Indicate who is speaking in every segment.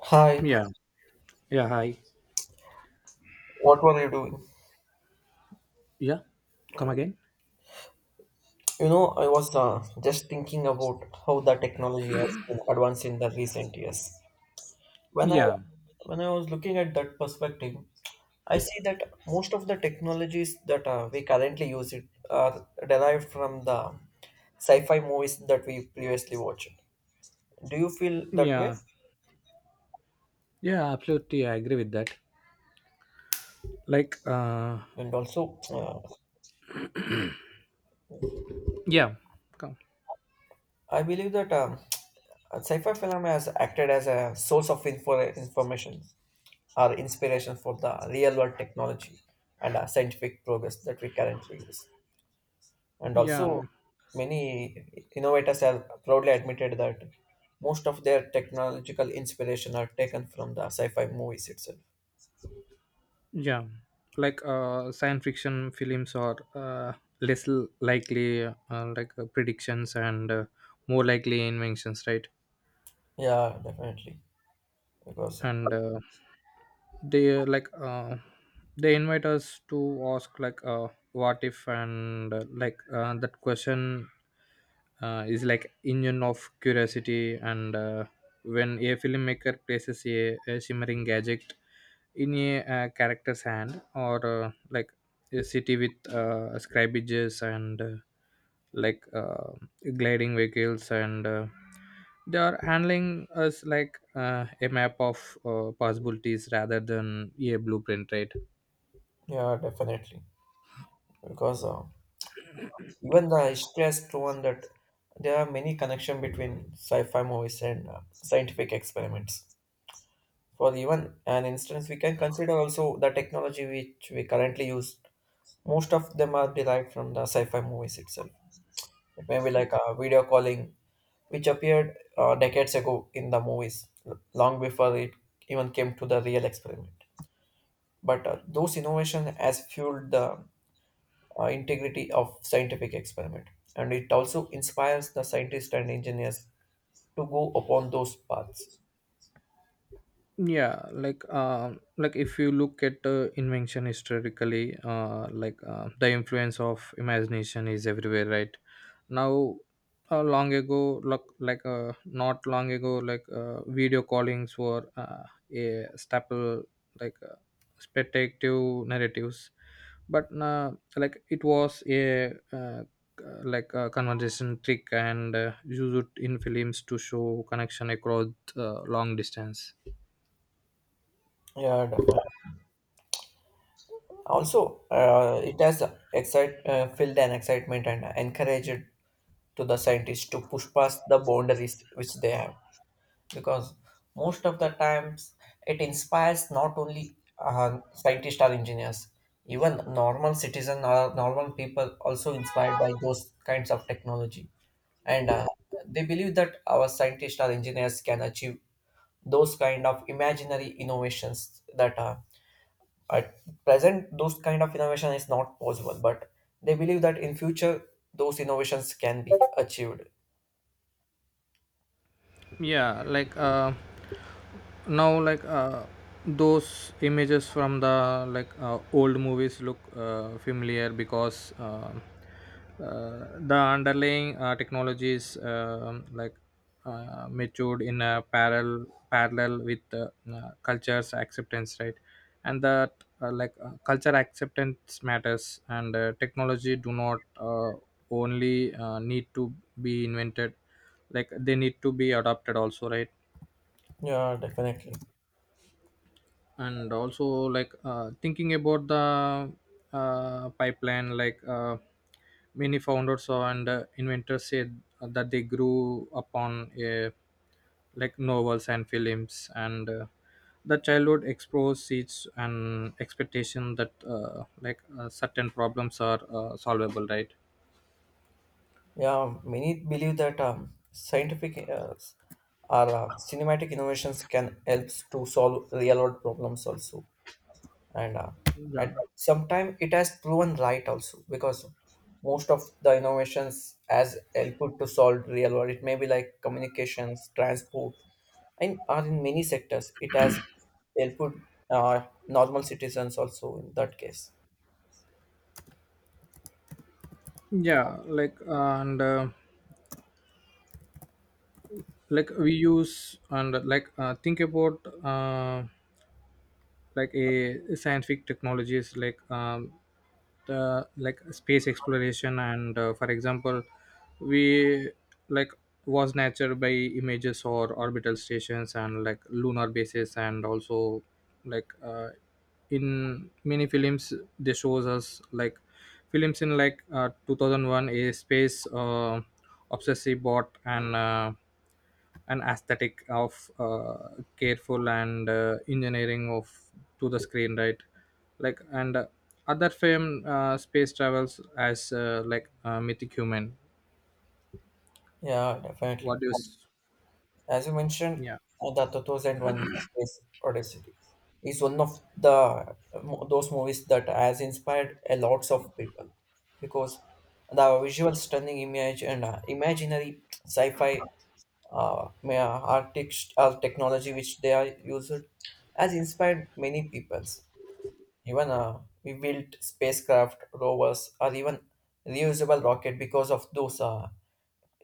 Speaker 1: Hi,
Speaker 2: Yeah. Yeah. Hi.
Speaker 1: what were you doing?
Speaker 2: Yeah. Come again.
Speaker 1: I was just thinking about how the technology has been advanced in the recent years. When I
Speaker 2: Yeah.
Speaker 1: when I was looking at that perspective, I see that most of the technologies that we currently use it are derived from the sci-fi movies that we previously watched. Do you feel that way?
Speaker 2: Yeah. Yeah. Absolutely. I agree with that. Like,
Speaker 1: And also,
Speaker 2: yeah. Come.
Speaker 1: I believe that sci-fi film has acted as a source of information are inspiration for the real world technology and scientific progress that we currently use. And also,
Speaker 2: Yeah.
Speaker 1: many innovators have proudly admitted that most of their technological inspiration are taken from the sci-fi movies itself.
Speaker 2: Yeah. Like, science fiction films are less likely, like predictions, and more likely inventions, right?
Speaker 1: Yeah, definitely. Because
Speaker 2: And they uh, like uh, they invite us to ask, like what if, and like that question is like engine of curiosity, and when a filmmaker places a shimmering gadget in a character's hand, or like a city with scribages, and like gliding vehicles, and they are handling us like a map of possibilities rather than a blueprint, right.
Speaker 1: Yeah, definitely. Because even the history has proven that there are many connection between sci-fi movies and scientific experiments. For even an instance, we can consider also the technology which we currently use. Most of them are derived from the sci-fi movies itself. It may be like a video calling, which appeared decades ago in the movies, long before it even came to the real experiment. But those innovation has fueled the integrity of scientific experiment, and it also inspires the scientists and engineers to go upon those paths.
Speaker 2: Yeah, like if you look at invention historically, like the influence of imagination is everywhere, right now. Long ago, like not long ago, like video callings were a staple, like spectative narratives, but like it was a uh, uh, like a conversation trick, and used in films to show connection across long distance.
Speaker 1: Yeah, definitely. Also, it has filled an excitement and encouraged to the scientists to push past the boundaries which they have. Because most of the times, it inspires not only scientists or engineers, even normal citizens or normal people also inspired by those kinds of technology. And they believe that our scientists or engineers can achieve those kind of imaginary innovations that at present, those kind of innovation is not possible, but they believe that in future those innovations can be achieved.
Speaker 2: Yeah, like now, like those images from the, like old movies look familiar, because the underlying technologies, like matured in a parallel with culture's acceptance, right. And that, like culture acceptance matters, and technology do not only need to be invented, like they need to be adopted also, right.
Speaker 1: Yeah, definitely.
Speaker 2: And also, like thinking about the pipeline, like many founders and inventors said that they grew upon, like novels and films, and the childhood explores seeds and expectation that like certain problems are solvable, right.
Speaker 1: Yeah, many believe that scientific or cinematic innovations can help to solve real world problems also. and uh, and
Speaker 2: Yeah.
Speaker 1: sometimes it has proven right also because most of the innovations as helpful to solve real world it may be like communications transport and are in many sectors it has helpful uh, normal citizens also in that case.
Speaker 2: Yeah, like and like we use, and like think about, like a scientific technologies, like the, like space exploration, and for example, we like was nature by images or orbital stations, and like lunar bases, and also like in many films they shows us, like films in, like 2001, a space obsessive bot, and an aesthetic of careful and engineering of to the screen, right. Like, and other fame, space travels as like mythic human.
Speaker 1: Yeah, definitely.
Speaker 2: What do you s-
Speaker 1: As you mentioned,
Speaker 2: Yeah.
Speaker 1: the 2001 Space Odyssey is one of the those movies that has inspired a lots of people because the visual stunning image and imaginary sci-fi artist technology which they are used has inspired many peoples. Even we built spacecraft, rovers, or even reusable rocket because of those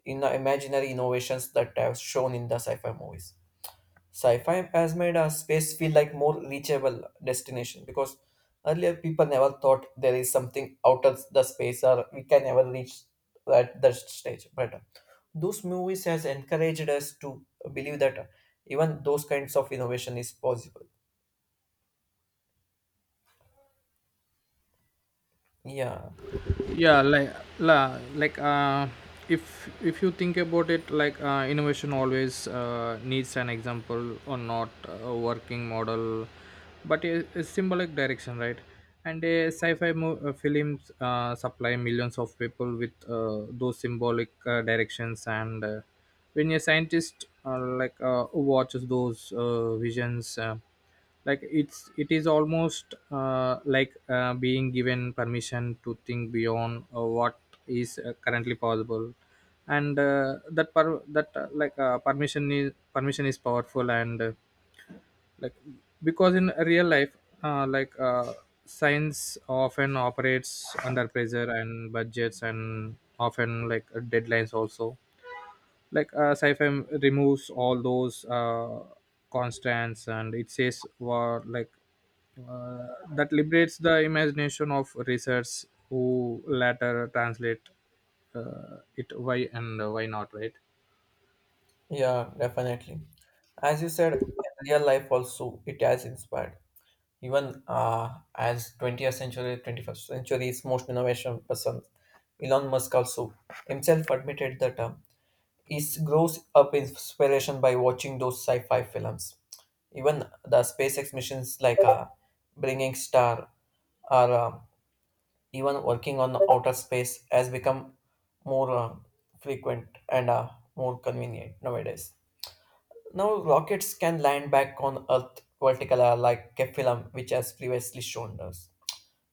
Speaker 1: in imaginary innovations that I have shown in the sci-fi movies. Sci-fi has made a space feel like more reachable destination because earlier people never thought there is something out of the space or we can never reach that stage. But those movies has encouraged us to believe that even those kinds of innovation is possible. Yeah,
Speaker 2: Yeah, like like if you think about it, like innovation always needs an example, or not a working model, but a symbolic direction, right. And a films supply millions of people with those symbolic directions. And when a scientist, like watches those visions, like it is almost like being given permission to think beyond what is currently possible. And that that, like permission is powerful, and like because in real life, like science often operates under pressure and budgets, and often like deadlines also. Like sci-fi removes all those constants, and it says what, like uh, that liberates the imagination of research who later translate it, why and why not, right.
Speaker 1: yeah, definitely. As you said, real life also it has inspired. Even as 20th century, 21st century's most innovation person, Elon Musk also himself admitted that he grows up inspiration by watching those sci-fi films. Even the SpaceX missions like bringing star or even working on outer space has become more frequent and more convenient nowadays. Now rockets can land back on Earth vertical like a film which has previously shown us.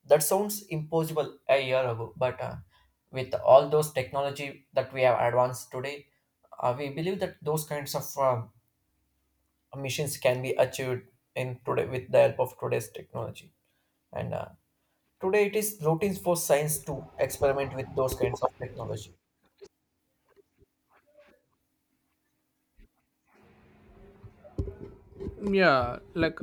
Speaker 1: That sounds impossible a year ago, but with all those technology that we have advanced today, we believe that those kinds of missions can be achieved in today with the help of today's technology. And today it is routine for science to experiment with those kinds of technology.
Speaker 2: Yeah,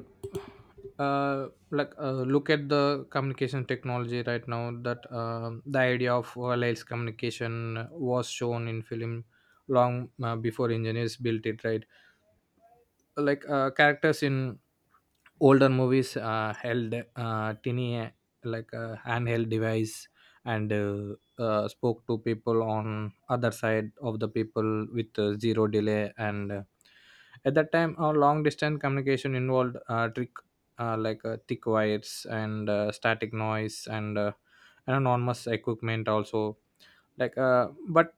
Speaker 2: like look at the communication technology right now, that the idea of wireless communication was shown in film long before engineers built it, right. Like characters in older movies held tiny, like a handheld device, and spoke to people on other side of the people with zero delay, and at that time our long distance communication involved trick, like thick wires and static noise, and enormous equipment also, like but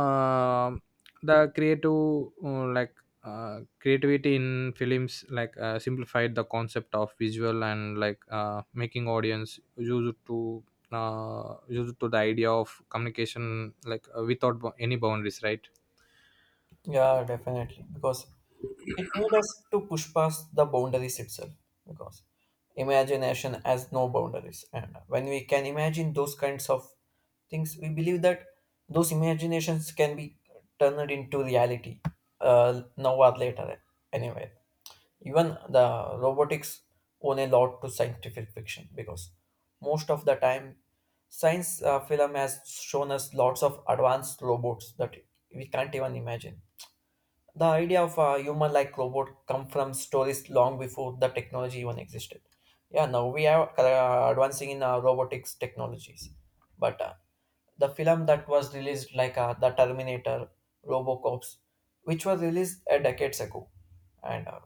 Speaker 2: um the creative, like creativity in films, like simplified the concept of visual, and like making audience used to the idea of communication, like without any boundaries, right.
Speaker 1: Yeah, definitely, because it made us to push past the boundaries itself because imagination has no boundaries. And when we can imagine those kinds of things, we believe that those imaginations can be turned into reality now or later, anyway. Even the robotics own a lot to scientific fiction because most of the time science film has shown us lots of advanced robots that we can't even imagine the idea of a human-like robot come from stories long before the technology even existed. Yeah, now we are advancing in robotics technologies, but the film that was released like the Terminator, RoboCops, which was released a decades ago, and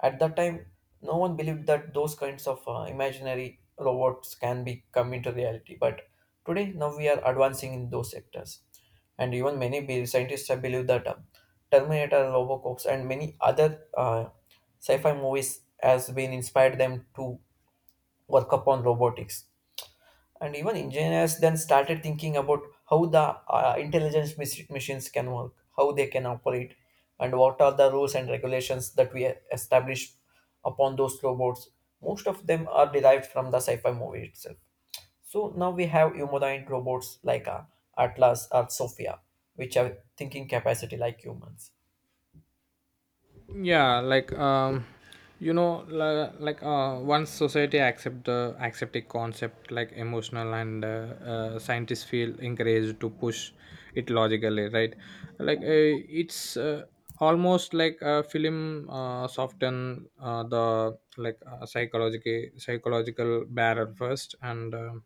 Speaker 1: at that time, no one believed that those kinds of imaginary robots can be come into reality. But today, now we are advancing in those sectors and even scientists have believed that Terminator, Robocops, and many other sci-fi movies has been inspired them to work upon robotics. And even engineers then started thinking about how the machines can work, how they can operate, and what are the rules and regulations that we establish upon those robots. Most of them are derived from the sci-fi movie itself. So now we have humanoid robots like Atlas or Sophia, which have thinking capacity like humans.
Speaker 2: Yeah, like like once society accept a concept like emotional, and scientists feel encouraged to push it logically, right. Like it's, almost like a film soften the, like psychological barrier first, and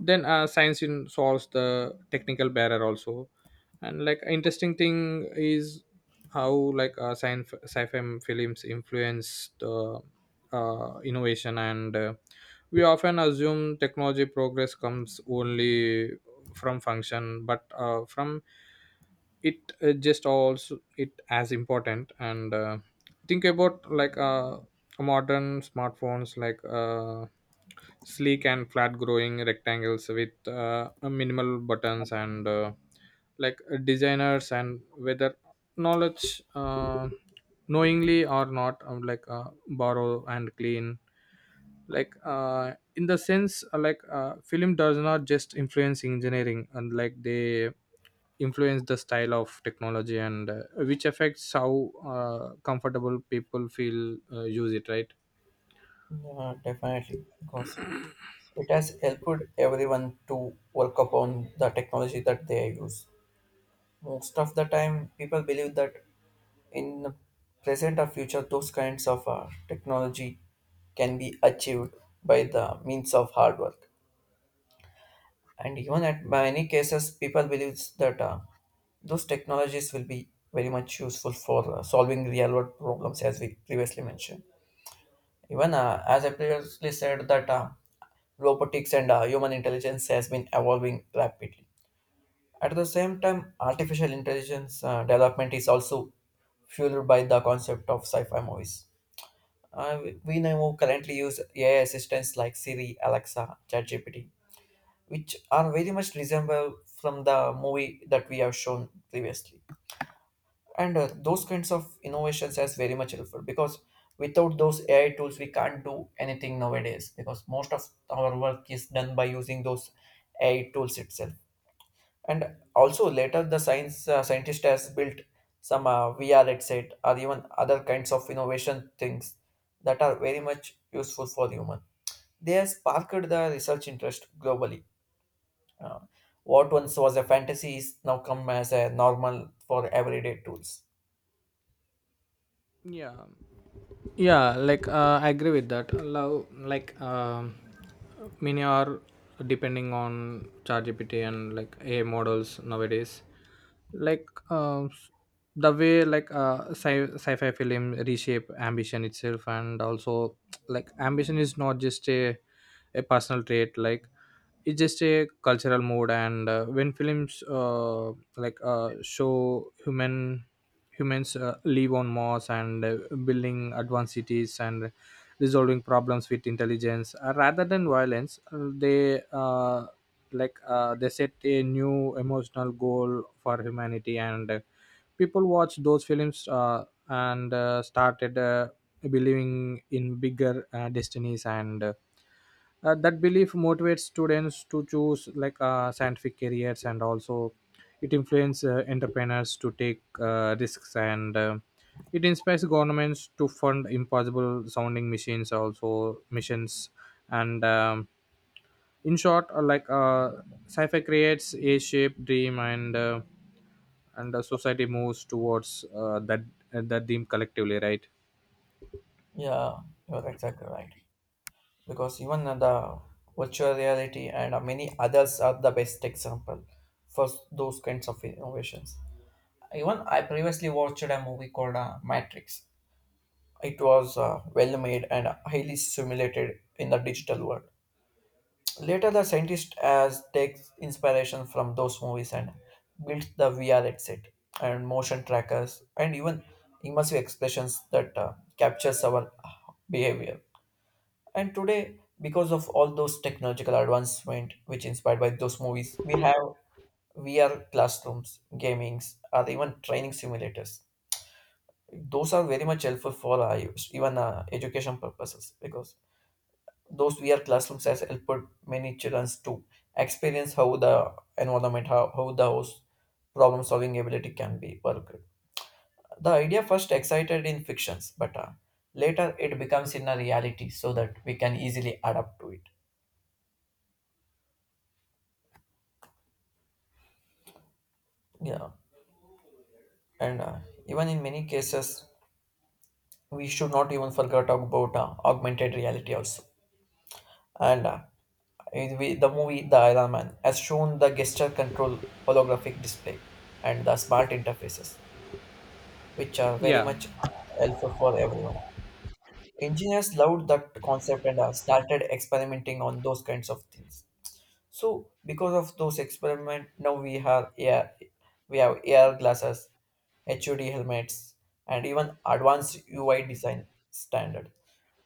Speaker 2: then science in solves the technical barrier also. And like interesting thing is how, like science sci-fi films influence the innovation, and we often assume technology progress comes only from function, but from it, just also it as important. And think about, like modern smartphones, like sleek and flat growing rectangles with minimal buttons, and like designers, and whether knowledge, knowingly or not, like borrow and clean, like in the sense, like film does not just influence engineering, and like they influence the style of technology, and which affects how comfortable people feel use it, right.
Speaker 1: Yeah, definitely, because it has helped everyone to work upon the technology that they use. Most of the time, people believe that in the present or future, those kinds of technology can be achieved by the means of hard work. And even at many cases, people believe that those technologies will be very much useful for solving real world problems, as we previously mentioned. Even as I previously said, that robotics and human intelligence has been evolving rapidly. At the same time, artificial intelligence development is also fueled by the concept of sci-fi movies. We now currently use AI assistants like Siri, Alexa, ChatGPT, which are very much resemble from the movie that we have shown previously. And those kinds of innovations is very much helpful because without those AI tools, we can't do anything nowadays because most of our work is done by using those AI tools itself. And also later, the science scientist has built some VR headset or even other kinds of innovation things that are very much useful for human. They have sparked the research interest globally uh, what once was a fantasy is now come as a normal for everyday tools.
Speaker 2: Yeah. Yeah, like I agree with that, love. Like many are depending on ChatGPT and like AI models nowadays. Like the way, like sci-fi film reshape ambition itself, and also like ambition is not just a personal trait, like it's just a cultural mood. And when films like show humans live on Mars, and building advanced cities and resolving problems with intelligence rather than violence, they set a new emotional goal for humanity. And people watched those films, and started believing in bigger destinies, and that belief motivates students to choose, like scientific careers. And also it influences entrepreneurs to take risks, and it inspires governments to fund impossible sounding machines, also missions. And in short, like sci-fi creates a shape dream, and society moves towards that, that dream collectively, right.
Speaker 1: Yeah, you're exactly right. Because even the virtual reality and many others are the best example for those kinds of innovations. Even I previously watched a movie called Matrix. It was well made and highly simulated in the digital world. Later, the scientist as takes inspiration from those movies and builds the VR headset and motion trackers and even immersive expressions that captures our behavior. And today, because of all those technological advancement which inspired by those movies, we
Speaker 2: Yeah.
Speaker 1: have VR classrooms, gamings, or even training simulators. Those are very much helpful for even education purposes because those VR classrooms has helped many children to experience how the environment, how those problem solving ability can be worked. The idea first excited in fictions, but later it becomes in a reality so that we can easily adapt to it. Yeah, and even in many cases, we should not even forget about augmented reality also. And the movie The Iron Man has shown the gesture control holographic display and the smart interfaces, which are very
Speaker 2: Yeah.
Speaker 1: much helpful for everyone. Engineers loved that concept and started experimenting on those kinds of things. So because of those experiment, now we have air glasses, HUD helmets, and even advanced UI design standard.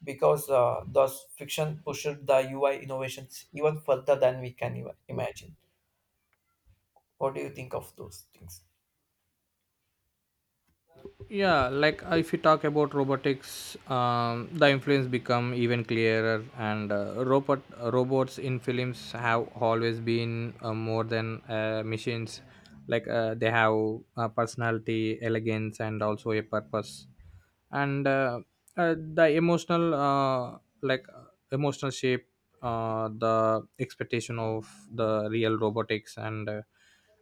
Speaker 1: Because those fiction pushed the UI innovations even further than we can even imagine. What do you think of those things?
Speaker 2: Yeah, like if you talk about robotics, the influence become even clearer, and robots in films have always been more than machines, like they have personality, elegance, and also a purpose. And the emotional, like emotional shape the expectation of the real robotics, and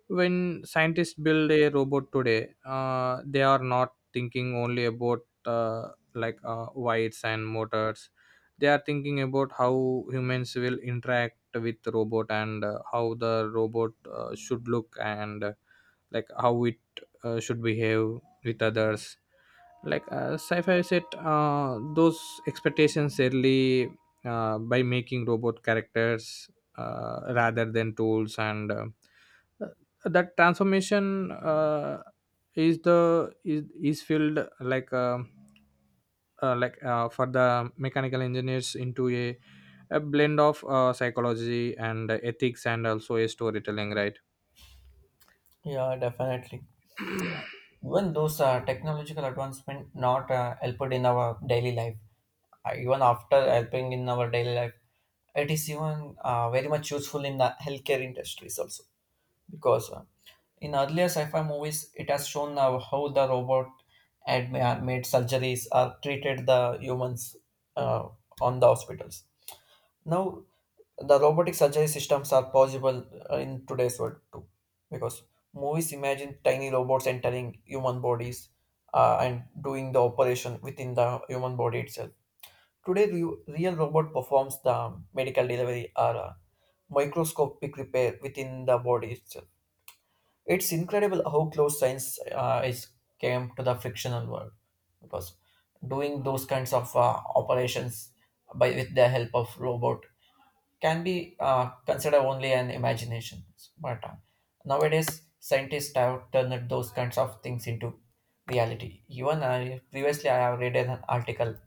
Speaker 2: when scientists build a robot today, they are not thinking only about, like wires and motors. They are thinking about how humans will interact with the robot, and how the robot should look, and like how it should behave with others, like sci-fi set those expectations early, by making robot characters rather than tools, and uh, that transformation, is the is filled, like for the mechanical engineers, into a blend of psychology and ethics, and also a storytelling, right.
Speaker 1: Yeah, definitely. Even those technological advancement not helped in our daily life. Even after helping in our daily life, it is even very much useful in the healthcare industries also, because in earlier sci-fi movies it has shown how the robot had made surgeries or treated the humans uh, on the hospitals. Now the robotic surgery systems are possible in today's world too, because movies imagine tiny robots entering human bodies, and doing the operation within the human body itself. Today real robot performs the medical delivery or microscopic repair within the body itself. It's incredible how close science is came to the fictional world, because doing those kinds of operations by with the help of robot can be considered only an imagination. But nowadays, scientists have turned those kinds of things into reality. Even I, previously, I have read an article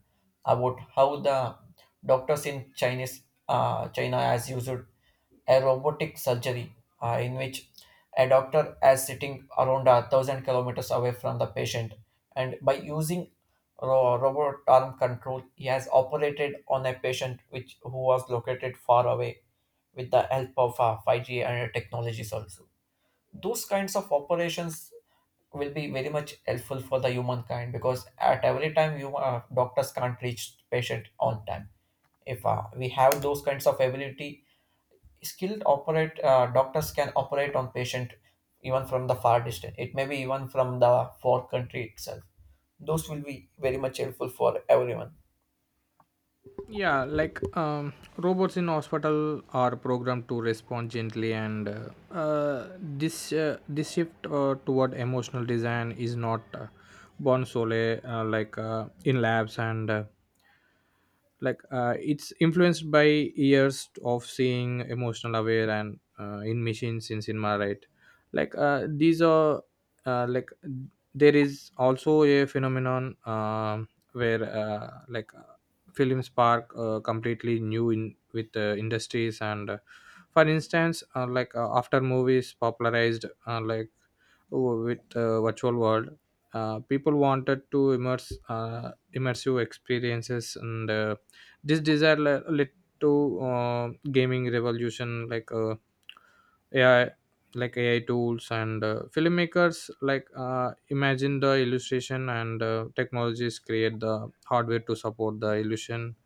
Speaker 1: about how the doctors in Chinese China has used a robotic surgery in which a doctor is sitting around 1,000 kilometers away from the patient and by using robot arm control. He has operated on a patient which who was located far away with the help of 5G and technologies also. Those kinds of operations will be very much helpful for the humankind because at every time you doctors can't reach patient on time. If we have those kinds of ability, skilled operate doctors can operate on patient even from the far distance. It may be even from the far country itself. Those will be very much helpful for everyone.
Speaker 2: Yeah, like robots in hospital are programmed to respond gently, and this shift toward emotional design is not born solely, like in labs, and like it's influenced by years of seeing emotional aware, and in machines in cinema, right. Like these are, like there is also a phenomenon, where like film spark completely new in with industries, and for instance, like after movies popularized, like with virtual world, people wanted to immerse immersive experiences, and this desire led to, uh, gaming revolution, like AI, like AI tools, and filmmakers, like imagine the illustration, and technologies create the hardware to support the illusion.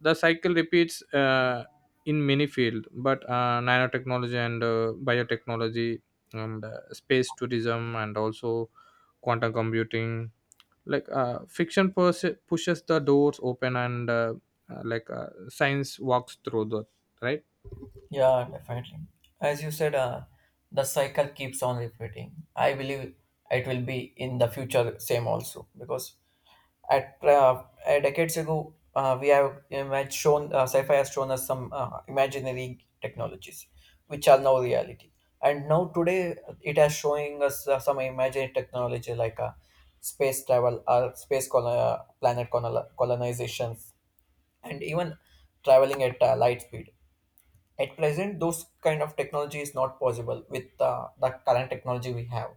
Speaker 2: The cycle repeats, in many fields, but nanotechnology, and biotechnology, and space tourism, and also quantum computing, like fiction pushes the doors open, and like science walks through the, right.
Speaker 1: Yeah, definitely. As you said, the cycle keeps on repeating. I believe it will be in the future same also because at decades ago we have shown sci-fi has shown us some imaginary technologies which are now reality, and now today it has showing us some imaginary technology like space travel or colonizations and even traveling at light speed. At present, those kind of technology is not possible with the current technology we have.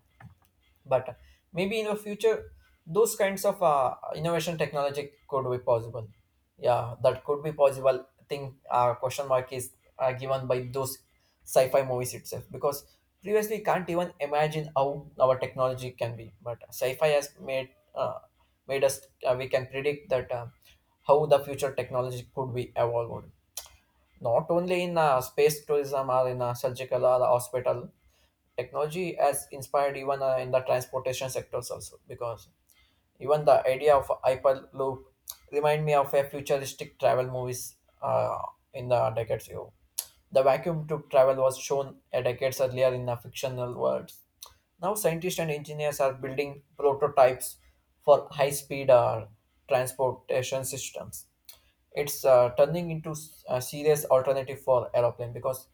Speaker 1: But maybe in the future, those kinds of innovation technology could be possible. Yeah, that could be possible. I think question mark is given by those sci-fi movies itself because previously we can't even imagine how our technology can be. But sci-fi has made uh, made us we can predict that how the future technology could be evolved, not only in space tourism or in surgical or the hospital. Technology has inspired even in the transportation sectors also because even the idea of hyperloop remind me of a futuristic travel movies uh, in the decades ago. The vacuum tube travel was shown a decades earlier in the fictional worlds. Now scientists and engineers are building prototypes for high-speed transportation systems. It's a serious alternative for aeroplane because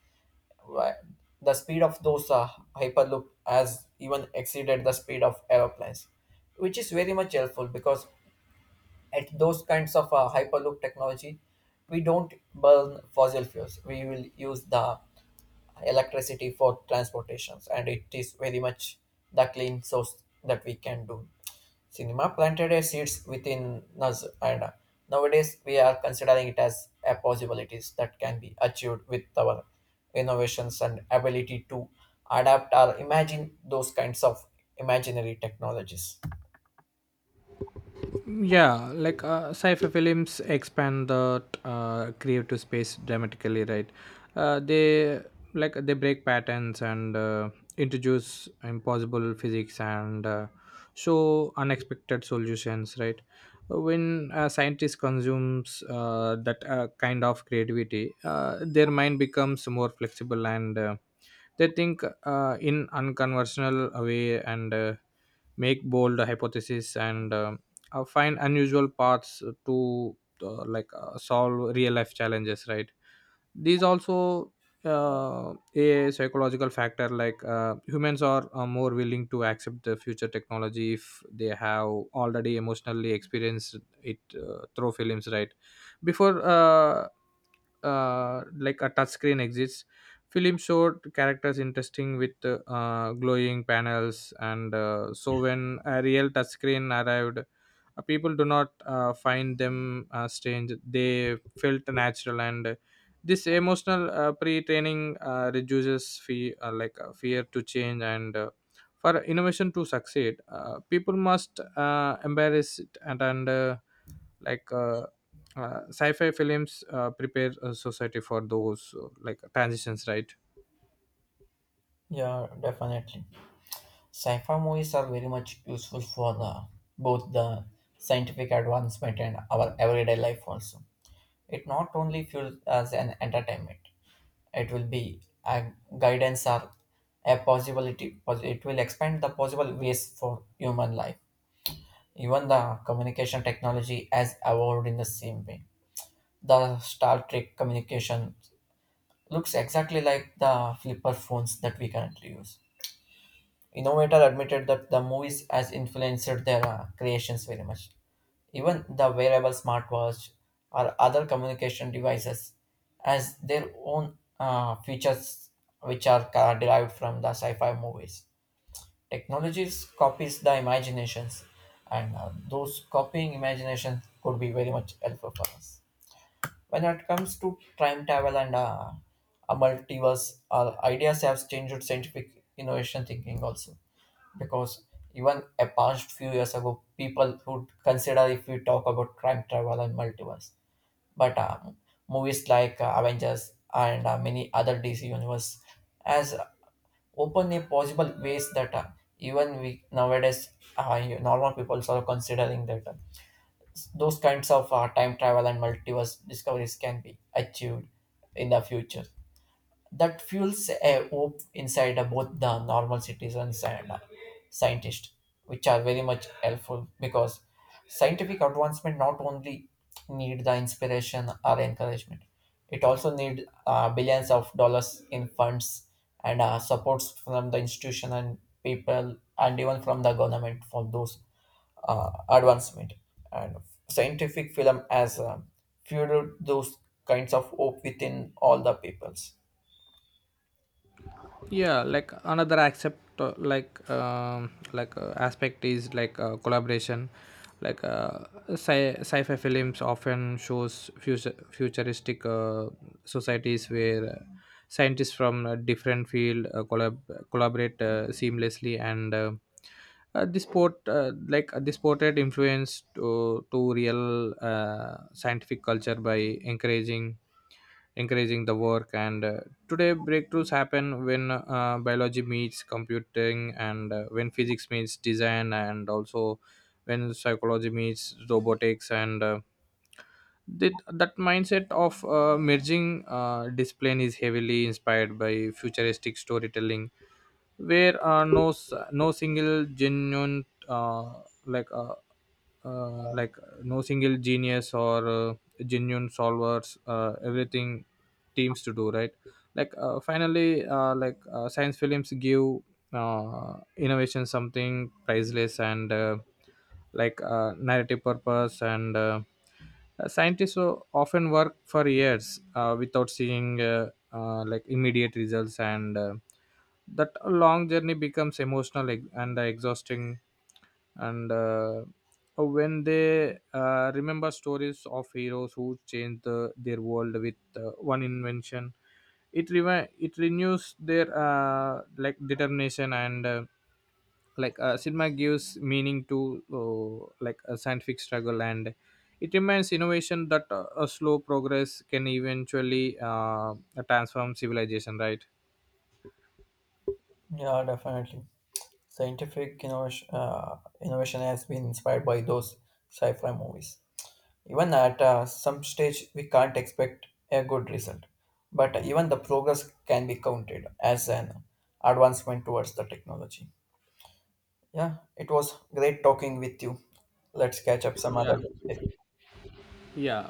Speaker 1: why- the speed of those hyperloop has even exceeded the speed of aeroplanes, which is very much helpful because at those kinds of hyperloop technology we don't burn fossil fuels. We will use the electricity for transportations and it is very much the clean source that we can do. Cinema planted a seeds within us, and nowadays we are considering it as a possibilities that can be achieved with our innovations and ability to adapt or imagine those kinds of imaginary technologies.
Speaker 2: Yeah, like sci-fi films expand the creative space dramatically, right. They, like they break patterns, and introduce impossible physics, and show unexpected solutions, right. When a scientist consumes that kind of creativity, their mind becomes more flexible, and they think in unconventional way, and make bold hypotheses, and find unusual paths to, like solve real life challenges, right. These also a psychological factor, like humans are more willing to accept the future technology if they have already emotionally experienced it through films, right, before like a touch screen exists. Film showed characters interesting with glowing panels, and so when a real touchscreen arrived, people do not find them strange. They felt natural, and this emotional pre-training reduces fear, like fear to change, and for innovation to succeed, people must embrace it, and like. Uh, sci-fi films prepare a society for those like transitions, right.
Speaker 1: Yeah, definitely. Sci-fi movies are very much useful for the both the scientific advancement and our everyday life also. It not only fuels as an entertainment, it will be a guidance or a possibility. It will expand the possible ways for human life. Even the communication technology has evolved in the same way. The Star Trek communication looks exactly like the flipper phones that we currently use. Innovator admitted that the movies has influenced their creations very much. Even the wearable smartwatch or other communication devices has their own features which are derived from the sci-fi movies. Technologies copies the imaginations, and those copying imaginations could be very much helpful for us. When it comes to time travel and a multiverse, our ideas have changed scientific innovation thinking also because even a past few years ago people would consider if we talk about time travel and multiverse, but movies like avengers and many other dc universe has openly possible ways that even we nowadays normal people are considering that those kinds of time travel and multiverse discoveries can be achieved in the future. That fuels a hope inside both the normal citizens and scientists, which are very much helpful because scientific advancement not only need the inspiration or encouragement, it also need billions of dollars in funds and supports from the institution and people and even from the government for those advancement. And scientific film has fueled those kinds of hope within all the peoples.
Speaker 2: Yeah, like another accept like aspect is like collaboration, like sci-fi films often shows futuristic societies where scientists from a different field collaborate seamlessly, and this port, like this portrait influenced to real scientific culture by encouraging encouraging the work, and today breakthroughs happen when biology meets computing, and when physics meets design, and also when psychology meets robotics, and that mindset of merging discipline is heavily inspired by futuristic storytelling, where no single genuine, like uh, like no single genius, or genuine solvers everything teams to do, right. Like finally, like science films give innovation something priceless, and like narrative purpose, and scientists often work for years without seeing, like immediate results, and that long journey becomes emotional and exhausting, and when they remember stories of heroes who changed their world with one invention, it renews their, like determination, and like cinema gives meaning to, like a scientific struggle, and it reminds innovation that a slow progress can eventually transform civilization, right.
Speaker 1: Yeah, definitely. Scientific innovation, innovation has been inspired by those sci-fi movies. Even at some stage, we can't expect a good result, but even the progress can be counted as an advancement towards the technology. Yeah, it was great talking with you. Let's catch up some
Speaker 2: Yeah.
Speaker 1: other day.
Speaker 2: Yeah.